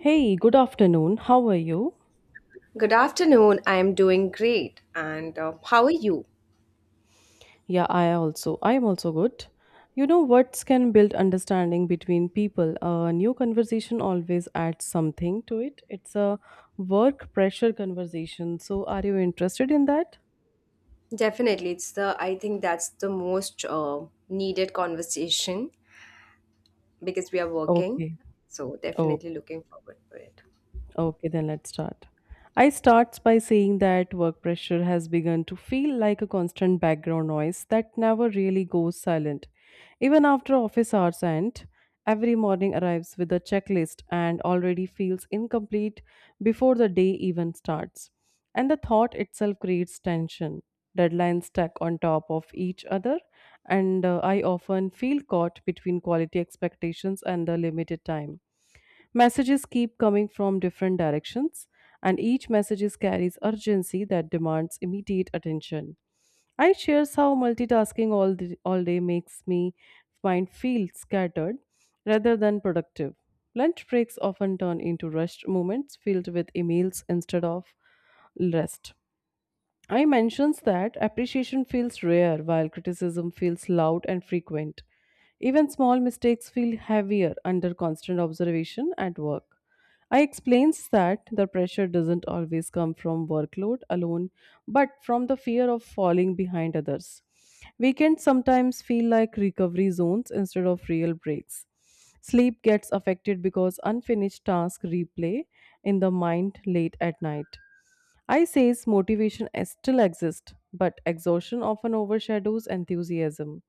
Hey, good afternoon. How are you? Good afternoon. I am doing great. And how are you? Yeah, I also. I am also good. You know, words can build understanding between people. A new conversation always adds something to it. It's a work pressure conversation. So, are you interested in that? Definitely, it's the I think that's the most needed conversation because we are working. Okay. So Oh. definitely looking forward for it. Okay, then let's start. I starts by saying that work pressure has begun to feel like a constant background noise that never really goes silent. Even after office hours end, every morning arrives with a checklist and already feels incomplete before the day even starts. And the thought itself creates tension. Deadlines stack on top of each other, and I often feel caught between quality expectations and the limited time. Messages keep coming from different directions, and each message carries urgency that demands immediate attention. I shares how multitasking all day makes me mind feel scattered rather than productive. Lunch breaks often turn into rushed moments filled with emails instead of rest. I mentions that appreciation feels rare while criticism feels loud and frequent. Even small mistakes feel heavier under constant observation at work. I explains that the pressure doesn't always come from workload alone, but from the fear of falling behind others. Weekends sometimes feel like recovery zones instead of real breaks. Sleep gets affected because unfinished tasks replay in the mind late at night. I says still exists, but exhaustion often overshadows enthusiasm.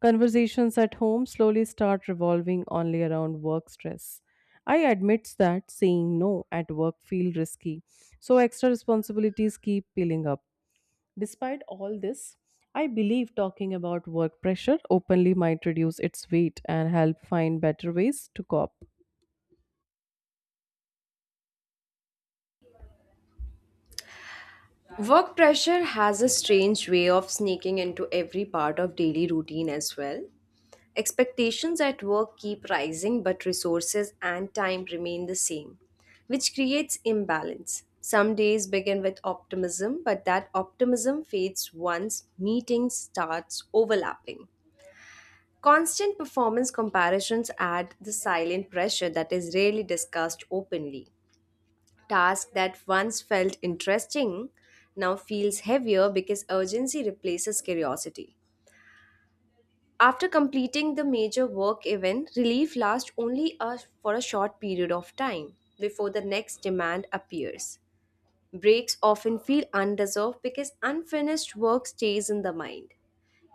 Conversations at home slowly start revolving only around work stress. I admits that saying no at work feel risky, so extra responsibilities keep piling up. Despite all this, I believe talking about work pressure openly might reduce its weight and help find better ways to cope. Work pressure has a strange way of sneaking into every part of daily routine as well. Expectations at work keep rising, but resources and time remain the same, which creates imbalance. Some days begin with optimism, but that optimism fades once meetings starts overlapping. Constant performance comparisons add the silent pressure that is rarely discussed openly. Task that once felt interesting now feels heavier because urgency replaces curiosity. After completing the major work event, relief lasts only for a short period of time before the next demand appears. Breaks often feel undeserved because unfinished work stays in the mind.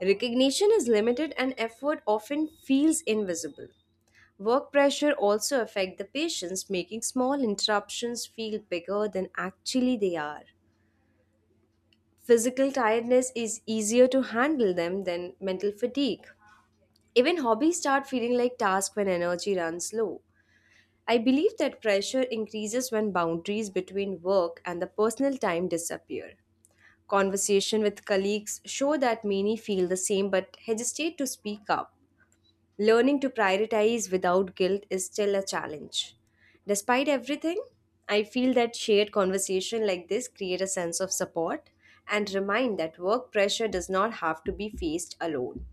Recognition is limited and effort often feels invisible. Work pressure also affects the patients, making small interruptions feel bigger than actually they are. Physical tiredness is easier to handle them than mental fatigue. Even hobbies start feeling like tasks when energy runs low. I believe that pressure increases when boundaries between work and the personal time disappear. Conversation with colleagues show that many feel the same but hesitate to speak up. Learning to prioritize without guilt is still a challenge. Despite everything, I feel that shared conversation like this create a sense of support and remind that work pressure does not have to be faced alone.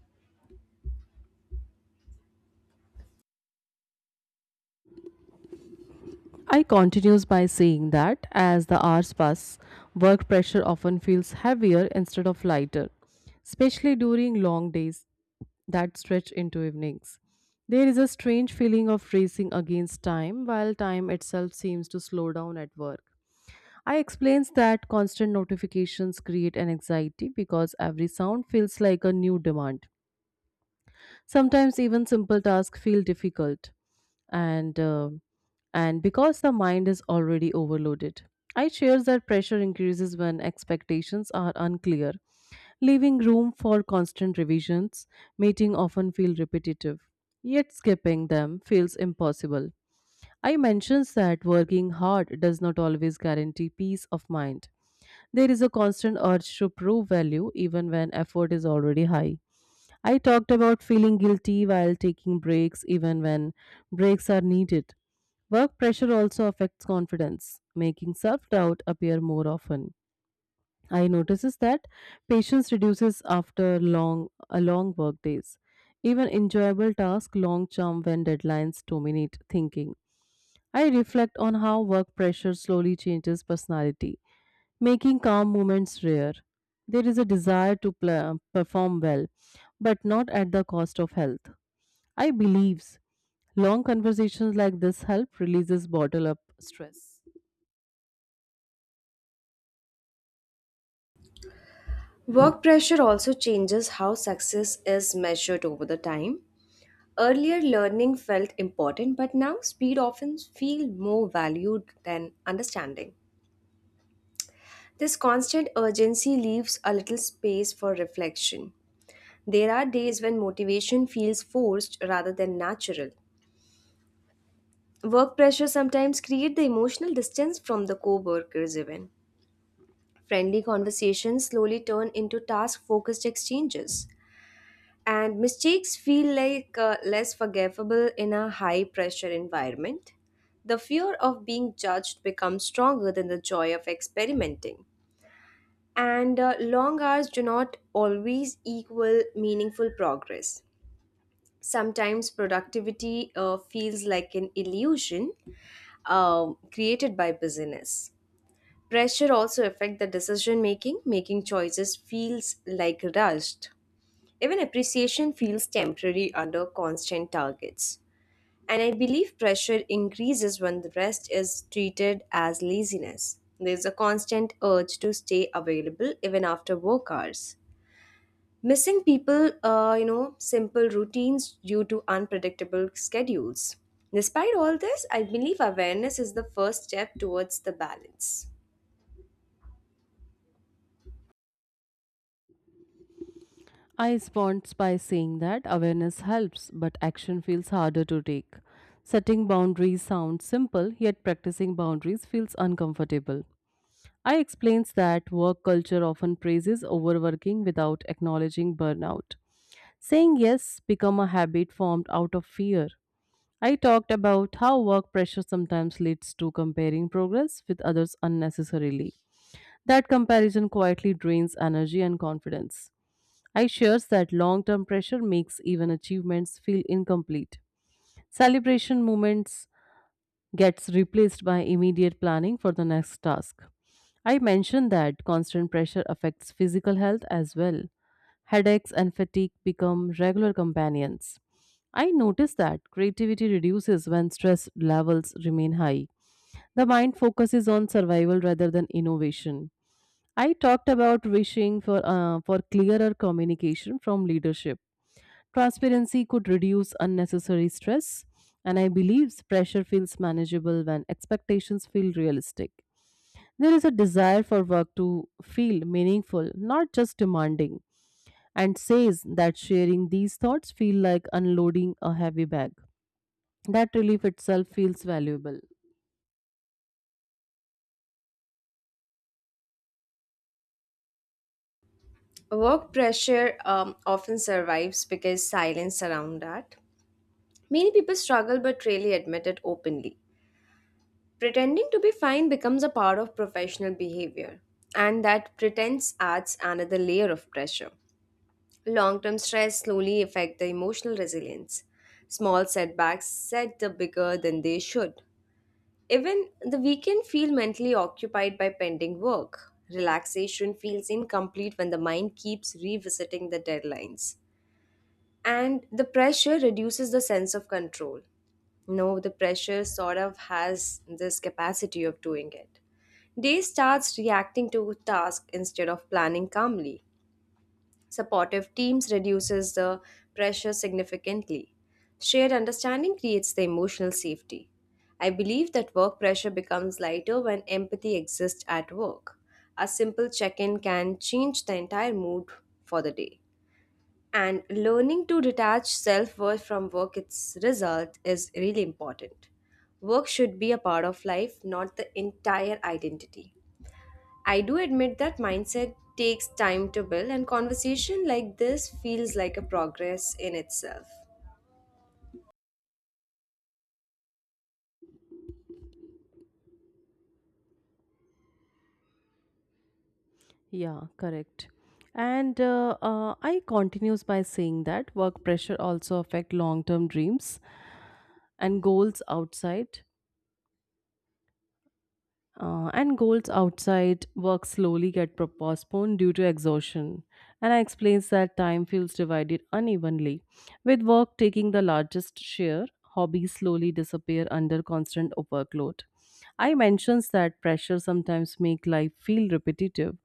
I continues by saying that as the hours pass, work pressure often feels heavier instead of lighter, especially during long days that stretch into evenings. There is a strange feeling of racing against time while time itself seems to slow down at work. I explains that constant notifications create an anxiety because every sound feels like a new demand. Sometimes even simple tasks feel difficult, and uh, and because the mind is already overloaded. I share that pressure increases when expectations are unclear, leaving room for constant revisions. Meeting often feel repetitive, yet skipping them feels impossible. I mentions that working hard does not always guarantee peace of mind. There is a constant urge to prove value even when effort is already high. I talked about feeling guilty while taking breaks, even when breaks are needed. Work pressure also affects confidence, making self doubt appear more often. I notices that patience reduces after long work days. Even enjoyable tasks long term when deadlines dominate thinking. I reflect on how work pressure slowly changes personality making calm moments rare. There is a desire to perform well, but not at the cost of health. I believes long conversations like this help releases bottle up stress. Work pressure also changes how success is measured over the time. Earlier, learning felt important, but now speed often feels more valued than understanding. This constant urgency leaves a little space for reflection. There are days when motivation feels forced rather than natural. Work pressure sometimes creates the emotional distance from the co-workers even. Friendly conversations slowly turn into task-focused exchanges. And mistakes feel like less forgivable in a high pressure environment. The fear of being judged becomes stronger than the joy of experimenting. And long hours do not always equal meaningful progress. Sometimes productivity feels like an illusion created by busyness. Pressure also affects the decision making, making choices feels like rushed. Even appreciation feels temporary under constant targets. And I believe pressure increases when the rest is treated as laziness. There's a constant urge to stay available even after work hours. Missing people, you know, simple routines due to unpredictable schedules. Despite all this, I believe awareness is the first step towards the balance. I respond by saying that awareness helps, but action feels harder to take. Setting boundaries sounds simple, yet practicing boundaries feels uncomfortable. I explains that work culture often praises overworking without acknowledging burnout. Saying yes become a habit formed out of fear. I talked about how work pressure sometimes leads to comparing progress with others unnecessarily. That comparison quietly drains energy and confidence. I shares that long-term pressure makes even achievements feel incomplete. Celebration moments gets replaced by immediate planning for the next task. I mentioned that constant pressure affects physical health as well. Headaches and fatigue become regular companions. I notice that creativity reduces when stress levels remain high. The mind focuses on survival rather than innovation. I talked about wishing for clearer communication from leadership. Transparency could reduce unnecessary stress, and I believe pressure feels manageable when expectations feel realistic. There is a desire for work to feel meaningful, not just demanding and says that sharing these thoughts feel like unloading a heavy bag. That relief itself feels valuable. Work pressure often survives because silence around that. Many people struggle but rarely admit it openly. Pretending to be fine becomes a part of professional behavior, and that pretense adds another layer of pressure. Long term stress slowly affect the emotional resilience. Small setbacks set the bigger than they should. Even the weekend feel mentally occupied by pending work. Relaxation feels incomplete when the mind keeps revisiting the deadlines and the pressure reduces the sense of control. No, the pressure sort of has this capacity of doing it. Day starts reacting to task instead of planning calmly. Supportive teams reduces the pressure significantly. Shared understanding creates the emotional safety. I believe that work pressure becomes lighter when empathy exists at work. A simple check-in can change the entire mood for the day. And learning to detach self-worth from work its result is really important. Work should be a part of life, not the entire identity. I do admit that mindset takes time to build and conversation like this feels like a progress in itself. Yeah, correct. And I continues by saying that work pressure also affect long-term dreams and goals outside. And goals outside work slowly get postponed due to exhaustion. And I explains that time feels divided unevenly, with work taking the largest share. Hobbies slowly disappear under constant workload. I mentions that pressure sometimes make life feel repetitive.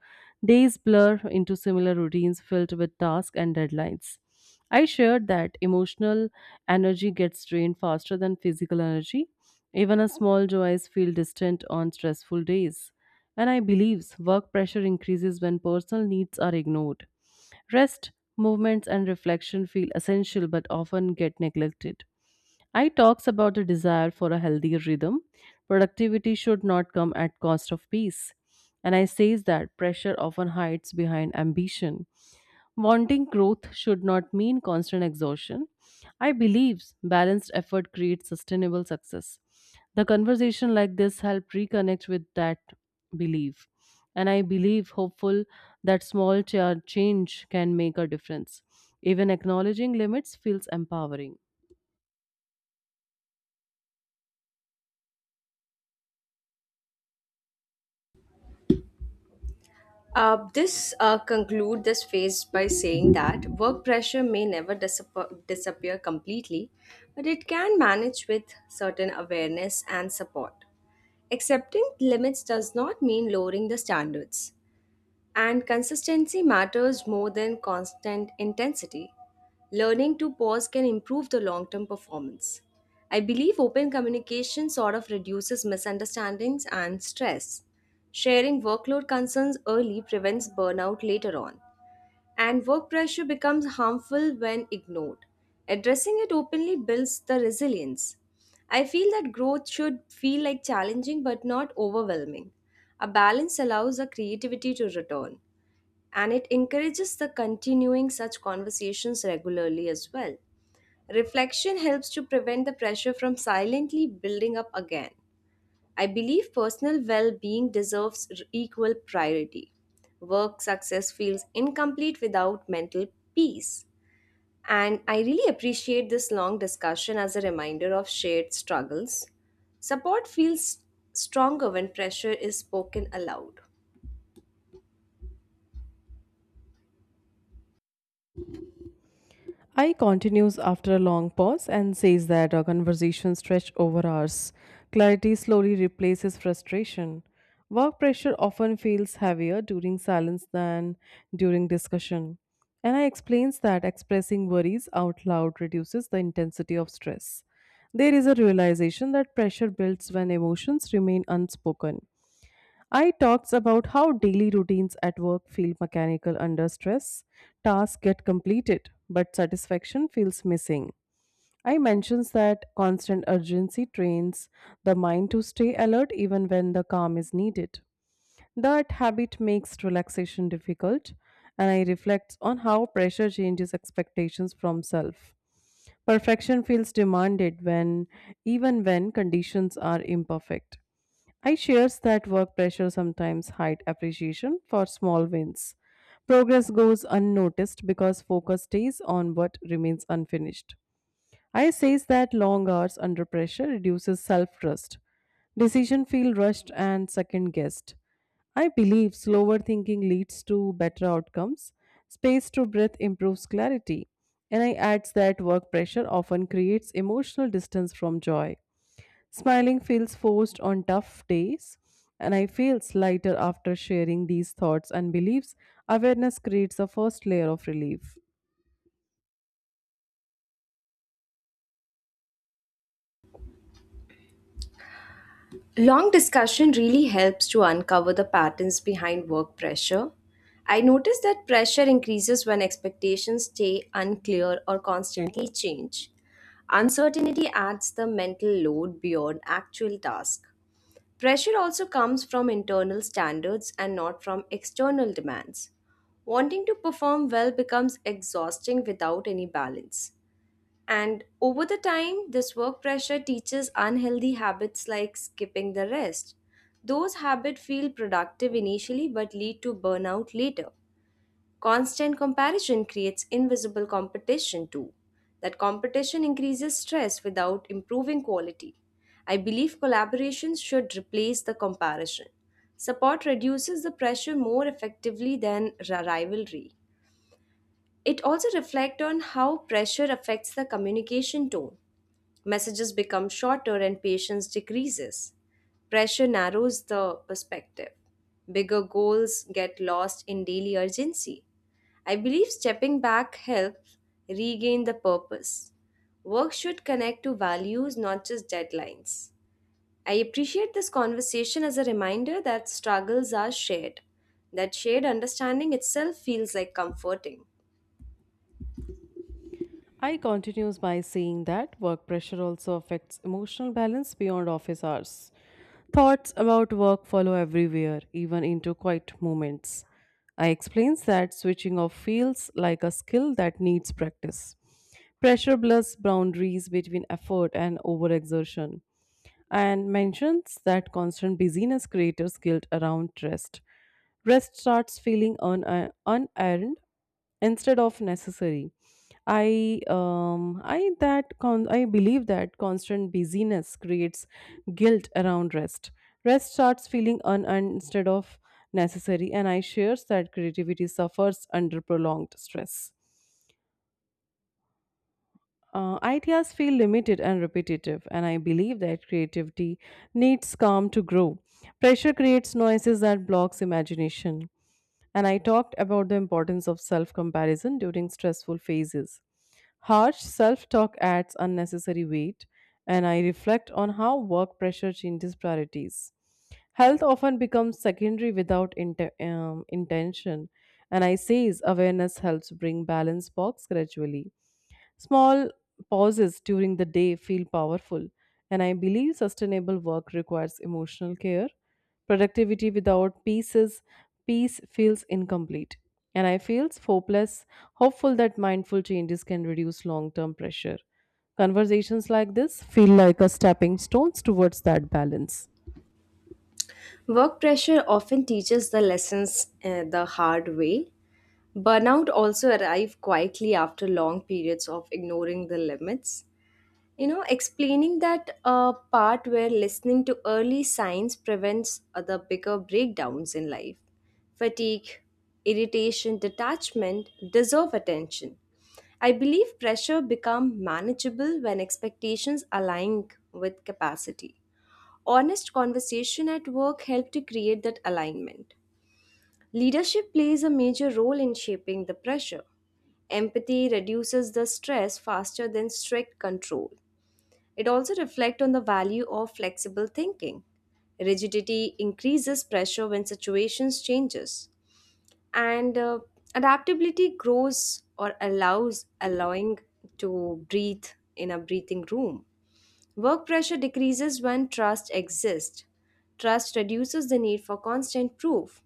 Days blur into similar routines filled with tasks and deadlines. I shared that emotional energy gets drained faster than physical energy even a small joys feel distant on stressful days. And I believe work pressure increases when personal needs are ignored. Rest, movements, and reflection feel essential but often get neglected. I talks about the desire for a healthier rhythm. Productivity should not come at cost of peace. And I says that pressure often hides behind ambition. Wanting growth should not mean constant exhaustion. I believe balanced effort creates sustainable success. The conversation like this helped reconnect with that belief. And I believe hopeful that small change can make a difference. Even acknowledging limits feels empowering. This conclude this phase by saying that work pressure may never disappear completely, but it can manage with certain awareness and support. Accepting limits does not mean lowering the standards, and consistency matters more than constant intensity. Learning to pause can improve the long term performance. I believe open communication sort of reduces misunderstandings and stress. Sharing workload concerns early prevents burnout later on. And work pressure becomes harmful when ignored. Addressing it openly builds the resilience. I feel that growth should feel like challenging but not overwhelming. A balance allows the creativity to return and it encourages the continuing such conversations regularly as well. Reflection helps to prevent the pressure from silently building up again. I believe personal well being deserves equal priority. Work success feels incomplete without mental peace. And I really appreciate this long discussion as a reminder of shared struggles. Support feels stronger when pressure is spoken aloud. I continues after a long pause and says that our conversation stretched over hours. Clarity slowly replaces frustration. Work pressure often feels heavier during silence than during discussion. And I explains that expressing worries out loud reduces the intensity of stress. There is a realization that pressure builds when emotions remain unspoken. I talks about how daily routines at work feel mechanical under stress. Tasks get completed, but satisfaction feels missing. I mentions that constant urgency trains the mind to stay alert even when the calm is needed. That habit makes relaxation difficult, and I reflect on how pressure changes expectations from self. Perfection feels demanded when Even when conditions are imperfect. I shares that work pressure sometimes hide appreciation for small wins. Progress goes unnoticed because focus stays on what remains unfinished. I says that long hours under pressure reduces self-trust. Decision feel rushed and second-guessed. I believe slower thinking leads to better outcomes. Space to breath improves clarity. And I adds that work pressure often creates emotional distance from joy. Smiling feels forced on tough days, and I feel lighter after sharing these thoughts and beliefs. Awareness creates a first layer of relief. Long discussion really helps to uncover the patterns behind work pressure. I notice that pressure increases when expectations stay unclear or constantly change. Uncertainty adds the mental load beyond actual task. Pressure also comes from internal standards and not from external demands. Wanting to perform well becomes exhausting without any balance. And over the time, this work pressure teaches unhealthy habits like skipping the rest. Those habits feel productive initially but lead to burnout later. Constant comparison creates invisible competition too. That competition increases stress without improving quality. I believe collaborations should replace the comparison. Support reduces the pressure more effectively than rivalry. It also reflects on how pressure affects the communication tone. Messages become shorter and patience decreases. Pressure narrows the perspective. Bigger goals get lost in daily urgency. I believe stepping back helps regain the purpose. Work should connect to values, not just deadlines. I appreciate this conversation as a reminder that struggles are shared. That shared understanding itself feels like comforting. I continues by saying that work pressure also affects emotional balance beyond office hours. Thoughts about work follow everywhere, even into quiet moments. I explains that switching off feels like a skill that needs practice. Pressure blurs boundaries between effort and overexertion. And mentions that constant busyness creators guilt around rest. Rest starts feeling unearned instead of necessary. I believe that constant busyness creates guilt around rest. Rest starts feeling unearned instead of necessary, and I shares that creativity suffers under prolonged stress. Ideas feel limited and repetitive, and I believe that creativity needs calm to grow. Pressure creates noises that blocks imagination. And I talked about the importance of self comparison during stressful phases. Harsh self talk adds unnecessary weight, and I reflect on how work pressure changes priorities. Health often becomes secondary without intention, and I say awareness helps bring balance box gradually. Small pauses during the day feel powerful, and I believe sustainable work requires emotional care. Productivity without peace is Peace feels incomplete. And I feel hopeful that mindful changes can reduce long term pressure. Conversations like this feel like a stepping stones towards that balance. Work pressure often teaches the lessons the hard way. Burnout also arrives quietly after long periods of ignoring the limits. You know, explaining that part where listening to early signs prevents other bigger breakdowns in life. Fatigue, irritation, detachment deserve attention. I believe pressure become manageable when expectations align with capacity. Honest conversation at work help to create that alignment. Leadership plays a major role in shaping the pressure. Empathy reduces the stress faster than strict control. It also reflects on the value of flexible thinking. Rigidity increases pressure when situations changes, and adaptability grows or allows allowing to breathe in a breathing room. Work pressure decreases when trust exists. Trust reduces the need for constant proof.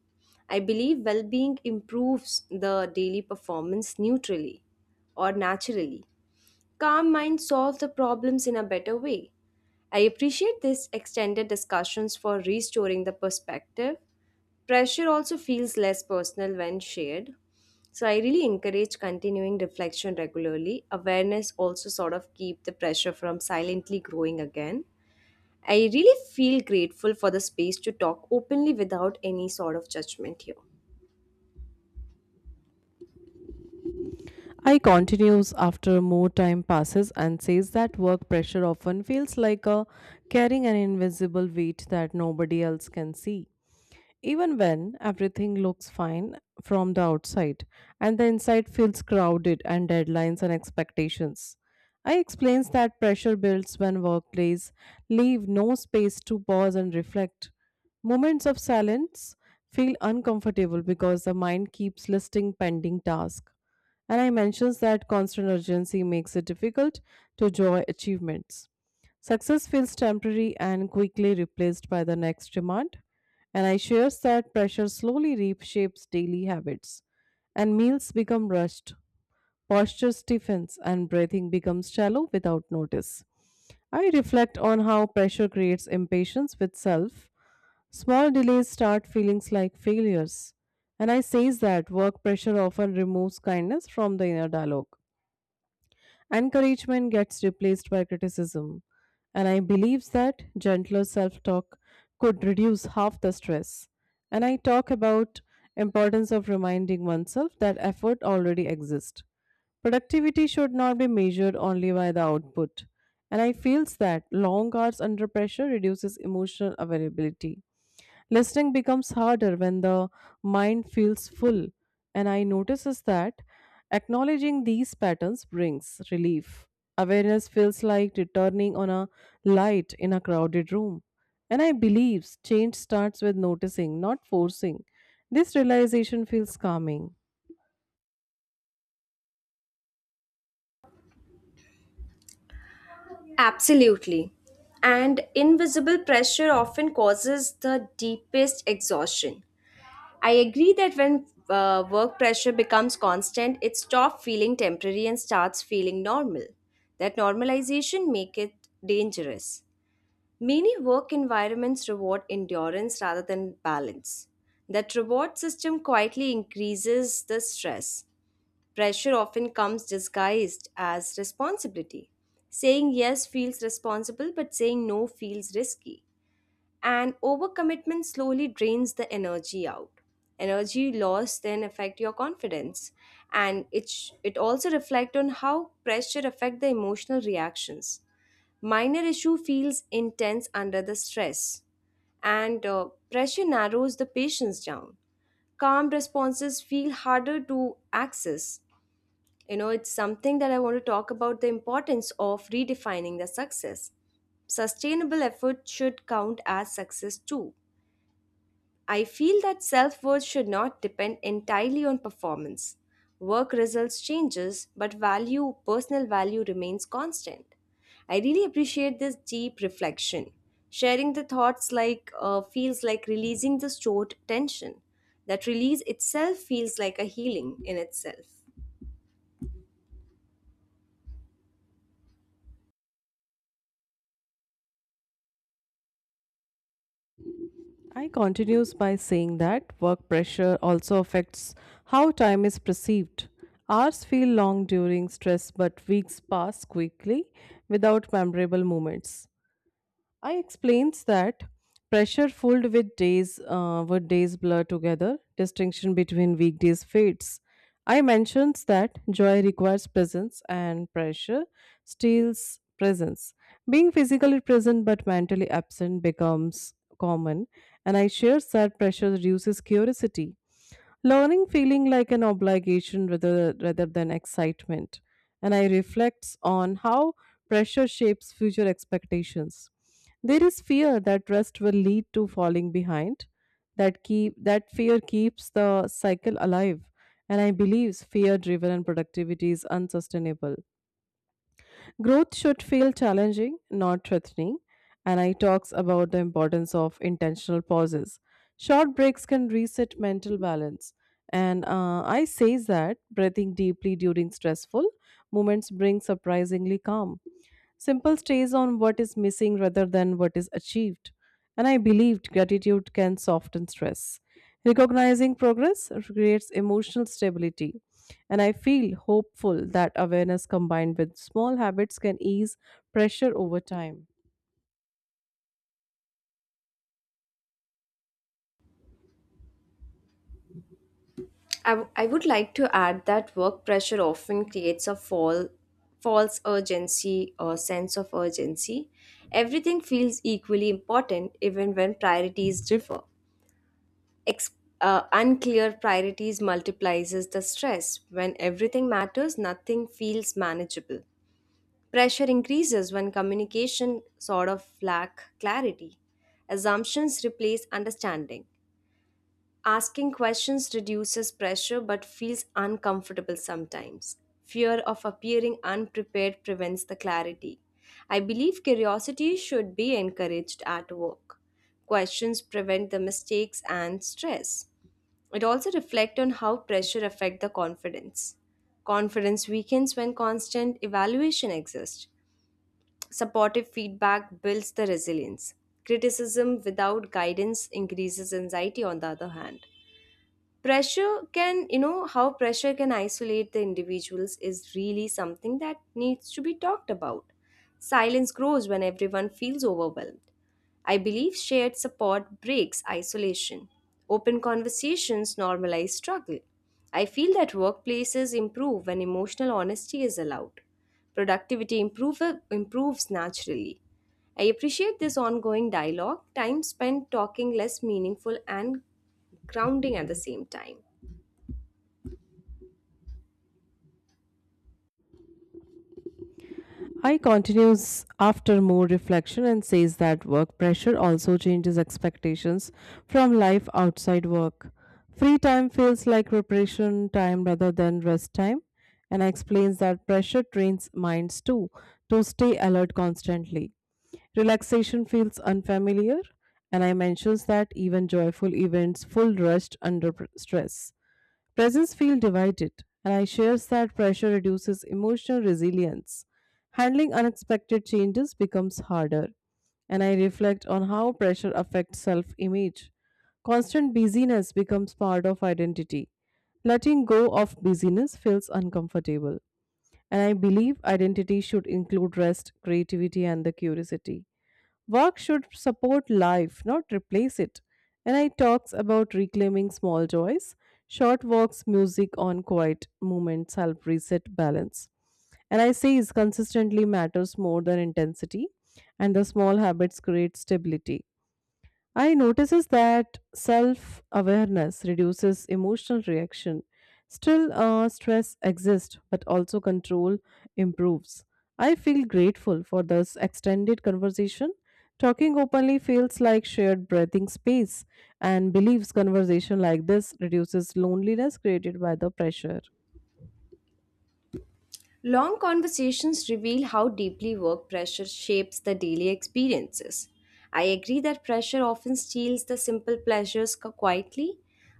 I believe well being improves the daily performance neutrally or naturally. Calm minds solve the problems in a better way. I appreciate this extended discussions for restoring the perspective. Pressure also feels less personal when shared. So I really encourage continuing reflection regularly. Awareness also sort of keep the pressure from silently growing again. I really feel grateful for the space to talk openly without any sort of judgment here. I continues after more time passes and says that work pressure often feels like a carrying an invisible weight that nobody else can see, even when everything looks fine from the outside and the inside feels crowded and deadlines and expectations. I explains that pressure builds when workplace leave no space to pause and reflect. Moments of silence feel uncomfortable because the mind keeps listing pending tasks. And I mentions that constant urgency makes it difficult to enjoy achievements. Success feels temporary and quickly replaced by the next demand, and I share that pressure slowly reshapes daily habits, and meals become rushed, posture stiffens, and breathing becomes shallow without notice. I reflect on how pressure creates impatience with self. Small delays start feelings like failures, and I say that work pressure often removes kindness from the inner dialogue. Encouragement gets replaced by criticism, and I believe that gentler self talk could reduce half the stress. And I talk about importance of reminding oneself that effort already exists. Productivity should not be measured only by the output. And I feels that long hours under pressure reduces emotional availability. Listening becomes harder when the mind feels full. And I notices that acknowledging these patterns brings relief. Awareness feels like returning on a light in a crowded room. And I believes change starts with noticing, not forcing. This realization feels calming. Absolutely. And invisible pressure often causes the deepest exhaustion. I agree that when work pressure becomes constant, it stops feeling temporary and starts feeling normal. That normalization make it dangerous. Many work environments reward endurance rather than balance. That reward system quietly increases the stress. Pressure often comes disguised as responsibility. Saying yes feels responsible, but saying no feels risky, and overcommitment slowly drains the energy out. Energy loss then affect your confidence, and it also reflect on how pressure affect the emotional reactions. Minor issue feels intense under the stress, and pressure narrows the patience down. Calm responses feel harder to access. You know, it's something that I want to talk about, the importance of redefining the success. Sustainable effort should count as success too. I feel that self worth should not depend entirely on performance. Work results changes, but value, personal value remains constant. I really appreciate this deep reflection. Sharing the thoughts like feels like releasing the stored tension. That release itself feels like a healing in itself. I continues by saying that work pressure also affects how time is perceived. Hours feel long during stress, but weeks pass quickly without memorable moments. I explains that pressure filled with days blur together, distinction between weekdays fades. I mentions that joy requires presence and pressure steals presence. Being physically present but mentally absent becomes common, and I shares that pressure reduces curiosity, learning feeling like an obligation rather than excitement. And I reflect on how pressure shapes future expectations. There is fear that rest will lead to falling behind, that keep that fear keeps the cycle alive, and I believe fear driven and productivity is unsustainable. Growth should feel challenging, not threatening, and I talks about the importance of intentional pauses. Short breaks can reset mental balance, and I says that breathing deeply during stressful moments brings surprisingly calm. Simple stays on what is missing rather than what is achieved. And I believed gratitude can soften stress. Recognizing progress creates emotional stability. And I feel hopeful that awareness combined with small habits can ease pressure over time. I would like to add that work pressure often creates a false urgency or sense of urgency. Everything feels equally important even when priorities differ. Ex- Unclear priorities multiplies the stress. When everything matters, nothing feels manageable. Pressure increases when communication sort of lack clarity. Assumptions replace understanding. Asking questions reduces pressure but feels uncomfortable sometimes. Fear of appearing unprepared prevents the clarity. I believe curiosity should be encouraged at work. Questions prevent the mistakes and stress. It also reflects on how pressure affect the confidence. Confidence weakens when constant evaluation exists. Supportive feedback builds the resilience. Criticism without guidance increases anxiety. On the other hand, pressure can, you know, how pressure can isolate the individuals is really something that needs to be talked about. Silence grows when everyone feels overwhelmed. I believe shared support breaks isolation. Open conversations normalize struggle. I feel that workplaces improve when emotional honesty is allowed. productivity improve, improves naturally. I appreciate this ongoing dialogue. Time spent talking less meaningful and grounding at the same time. I continues after more reflection and says that work pressure also changes expectations from life outside work. Free time feels like preparation time rather than rest time, and I explains that pressure trains minds too to stay alert constantly. Relaxation feels unfamiliar, and I mentions that even joyful events full rest under stress. Presents feel divided, and I share that pressure reduces emotional resilience. Handling unexpected changes becomes harder, and I reflect on how pressure affects self image. Constant busyness becomes part of identity. Letting go of busyness feels uncomfortable, and I believe identity should include rest, creativity, and the curiosity. Work should support life, not replace it. And I talks about reclaiming small joys. Short walks, music on quiet moments help reset balance. And I say is consistently matters more than intensity, and the small habits create stability. I notices that self-awareness reduces emotional reaction. Still, stress exists, but also control improves. I feel grateful for this extended conversation. Talking openly feels like shared breathing space, and believes conversation like this reduces loneliness created by the pressure. Long conversations reveal how deeply work pressure shapes the daily experiences. I agree that pressure often steals the simple pleasures quietly,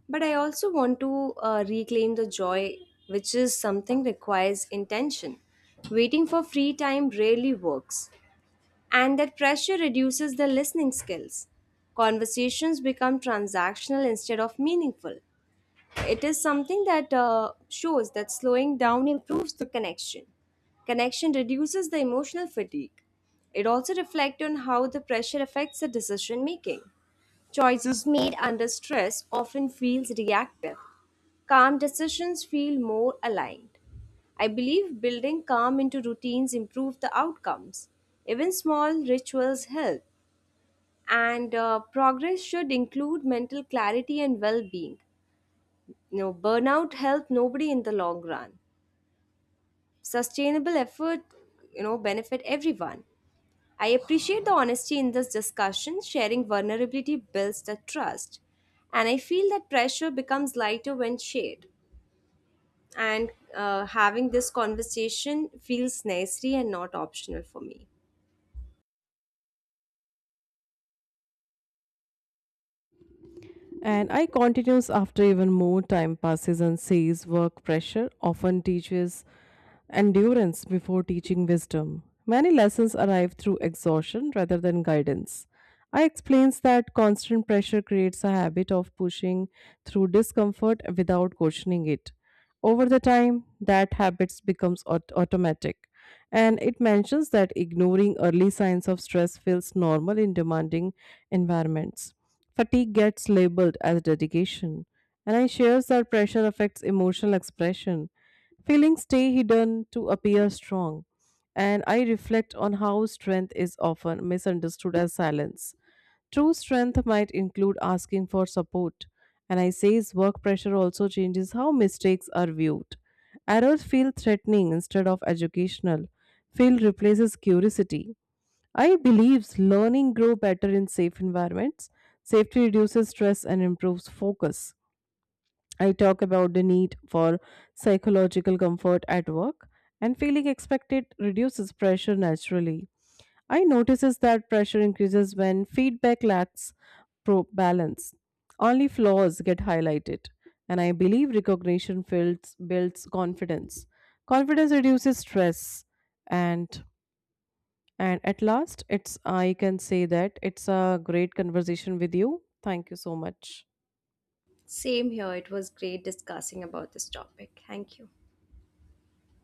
but I also want to reclaim the joy, which is something requires intention. Waiting for free time rarely works, and that pressure reduces the listening skills. Conversations become transactional instead of meaningful. It is something that shows that slowing down improves the connection. Connection reduces the emotional fatigue. It also reflects on how the pressure affects the decision making. Choices made under stress often feels reactive. Calm decisions feel more aligned. I believe building calm into routines improve the outcomes. Even small rituals help, and progress should include mental clarity and well being. You know, burnout help nobody in the long run. Sustainable effort, you know, benefit everyone. I appreciate the honesty in this discussion. Sharing vulnerability builds the trust, and I feel that pressure becomes lighter when shared. And having this conversation feels necessary and not optional for me. And I continues after even more time passes and says work pressure often teaches endurance before teaching wisdom. Many lessons arrive through exhaustion rather than guidance. I explains that constant pressure creates a habit of pushing through discomfort without questioning it. Over the time, that habit becomes automatic. And it mentions that ignoring early signs of stress feels normal in demanding environments. Fatigue gets labeled as dedication, and I shares that pressure affects emotional expression. Feelings stay hidden to appear strong, and I reflect on how strength is often misunderstood as silence. True strength might include asking for support, and I says work pressure also changes how mistakes are viewed. Errors feel threatening instead of educational. Feel replaces curiosity. I believes learning grow better in safe environments. Safety reduces stress and improves focus. I talk about the need for psychological comfort at work, and feeling expected reduces pressure naturally. I notices that pressure increases when feedback lacks pro balance. Only flaws get highlighted, and I believe recognition builds confidence. Confidence reduces stress, and at last, it's I can say that it's a great conversation with you. Thank you so much. Same here. It was great discussing about this topic. Thank you.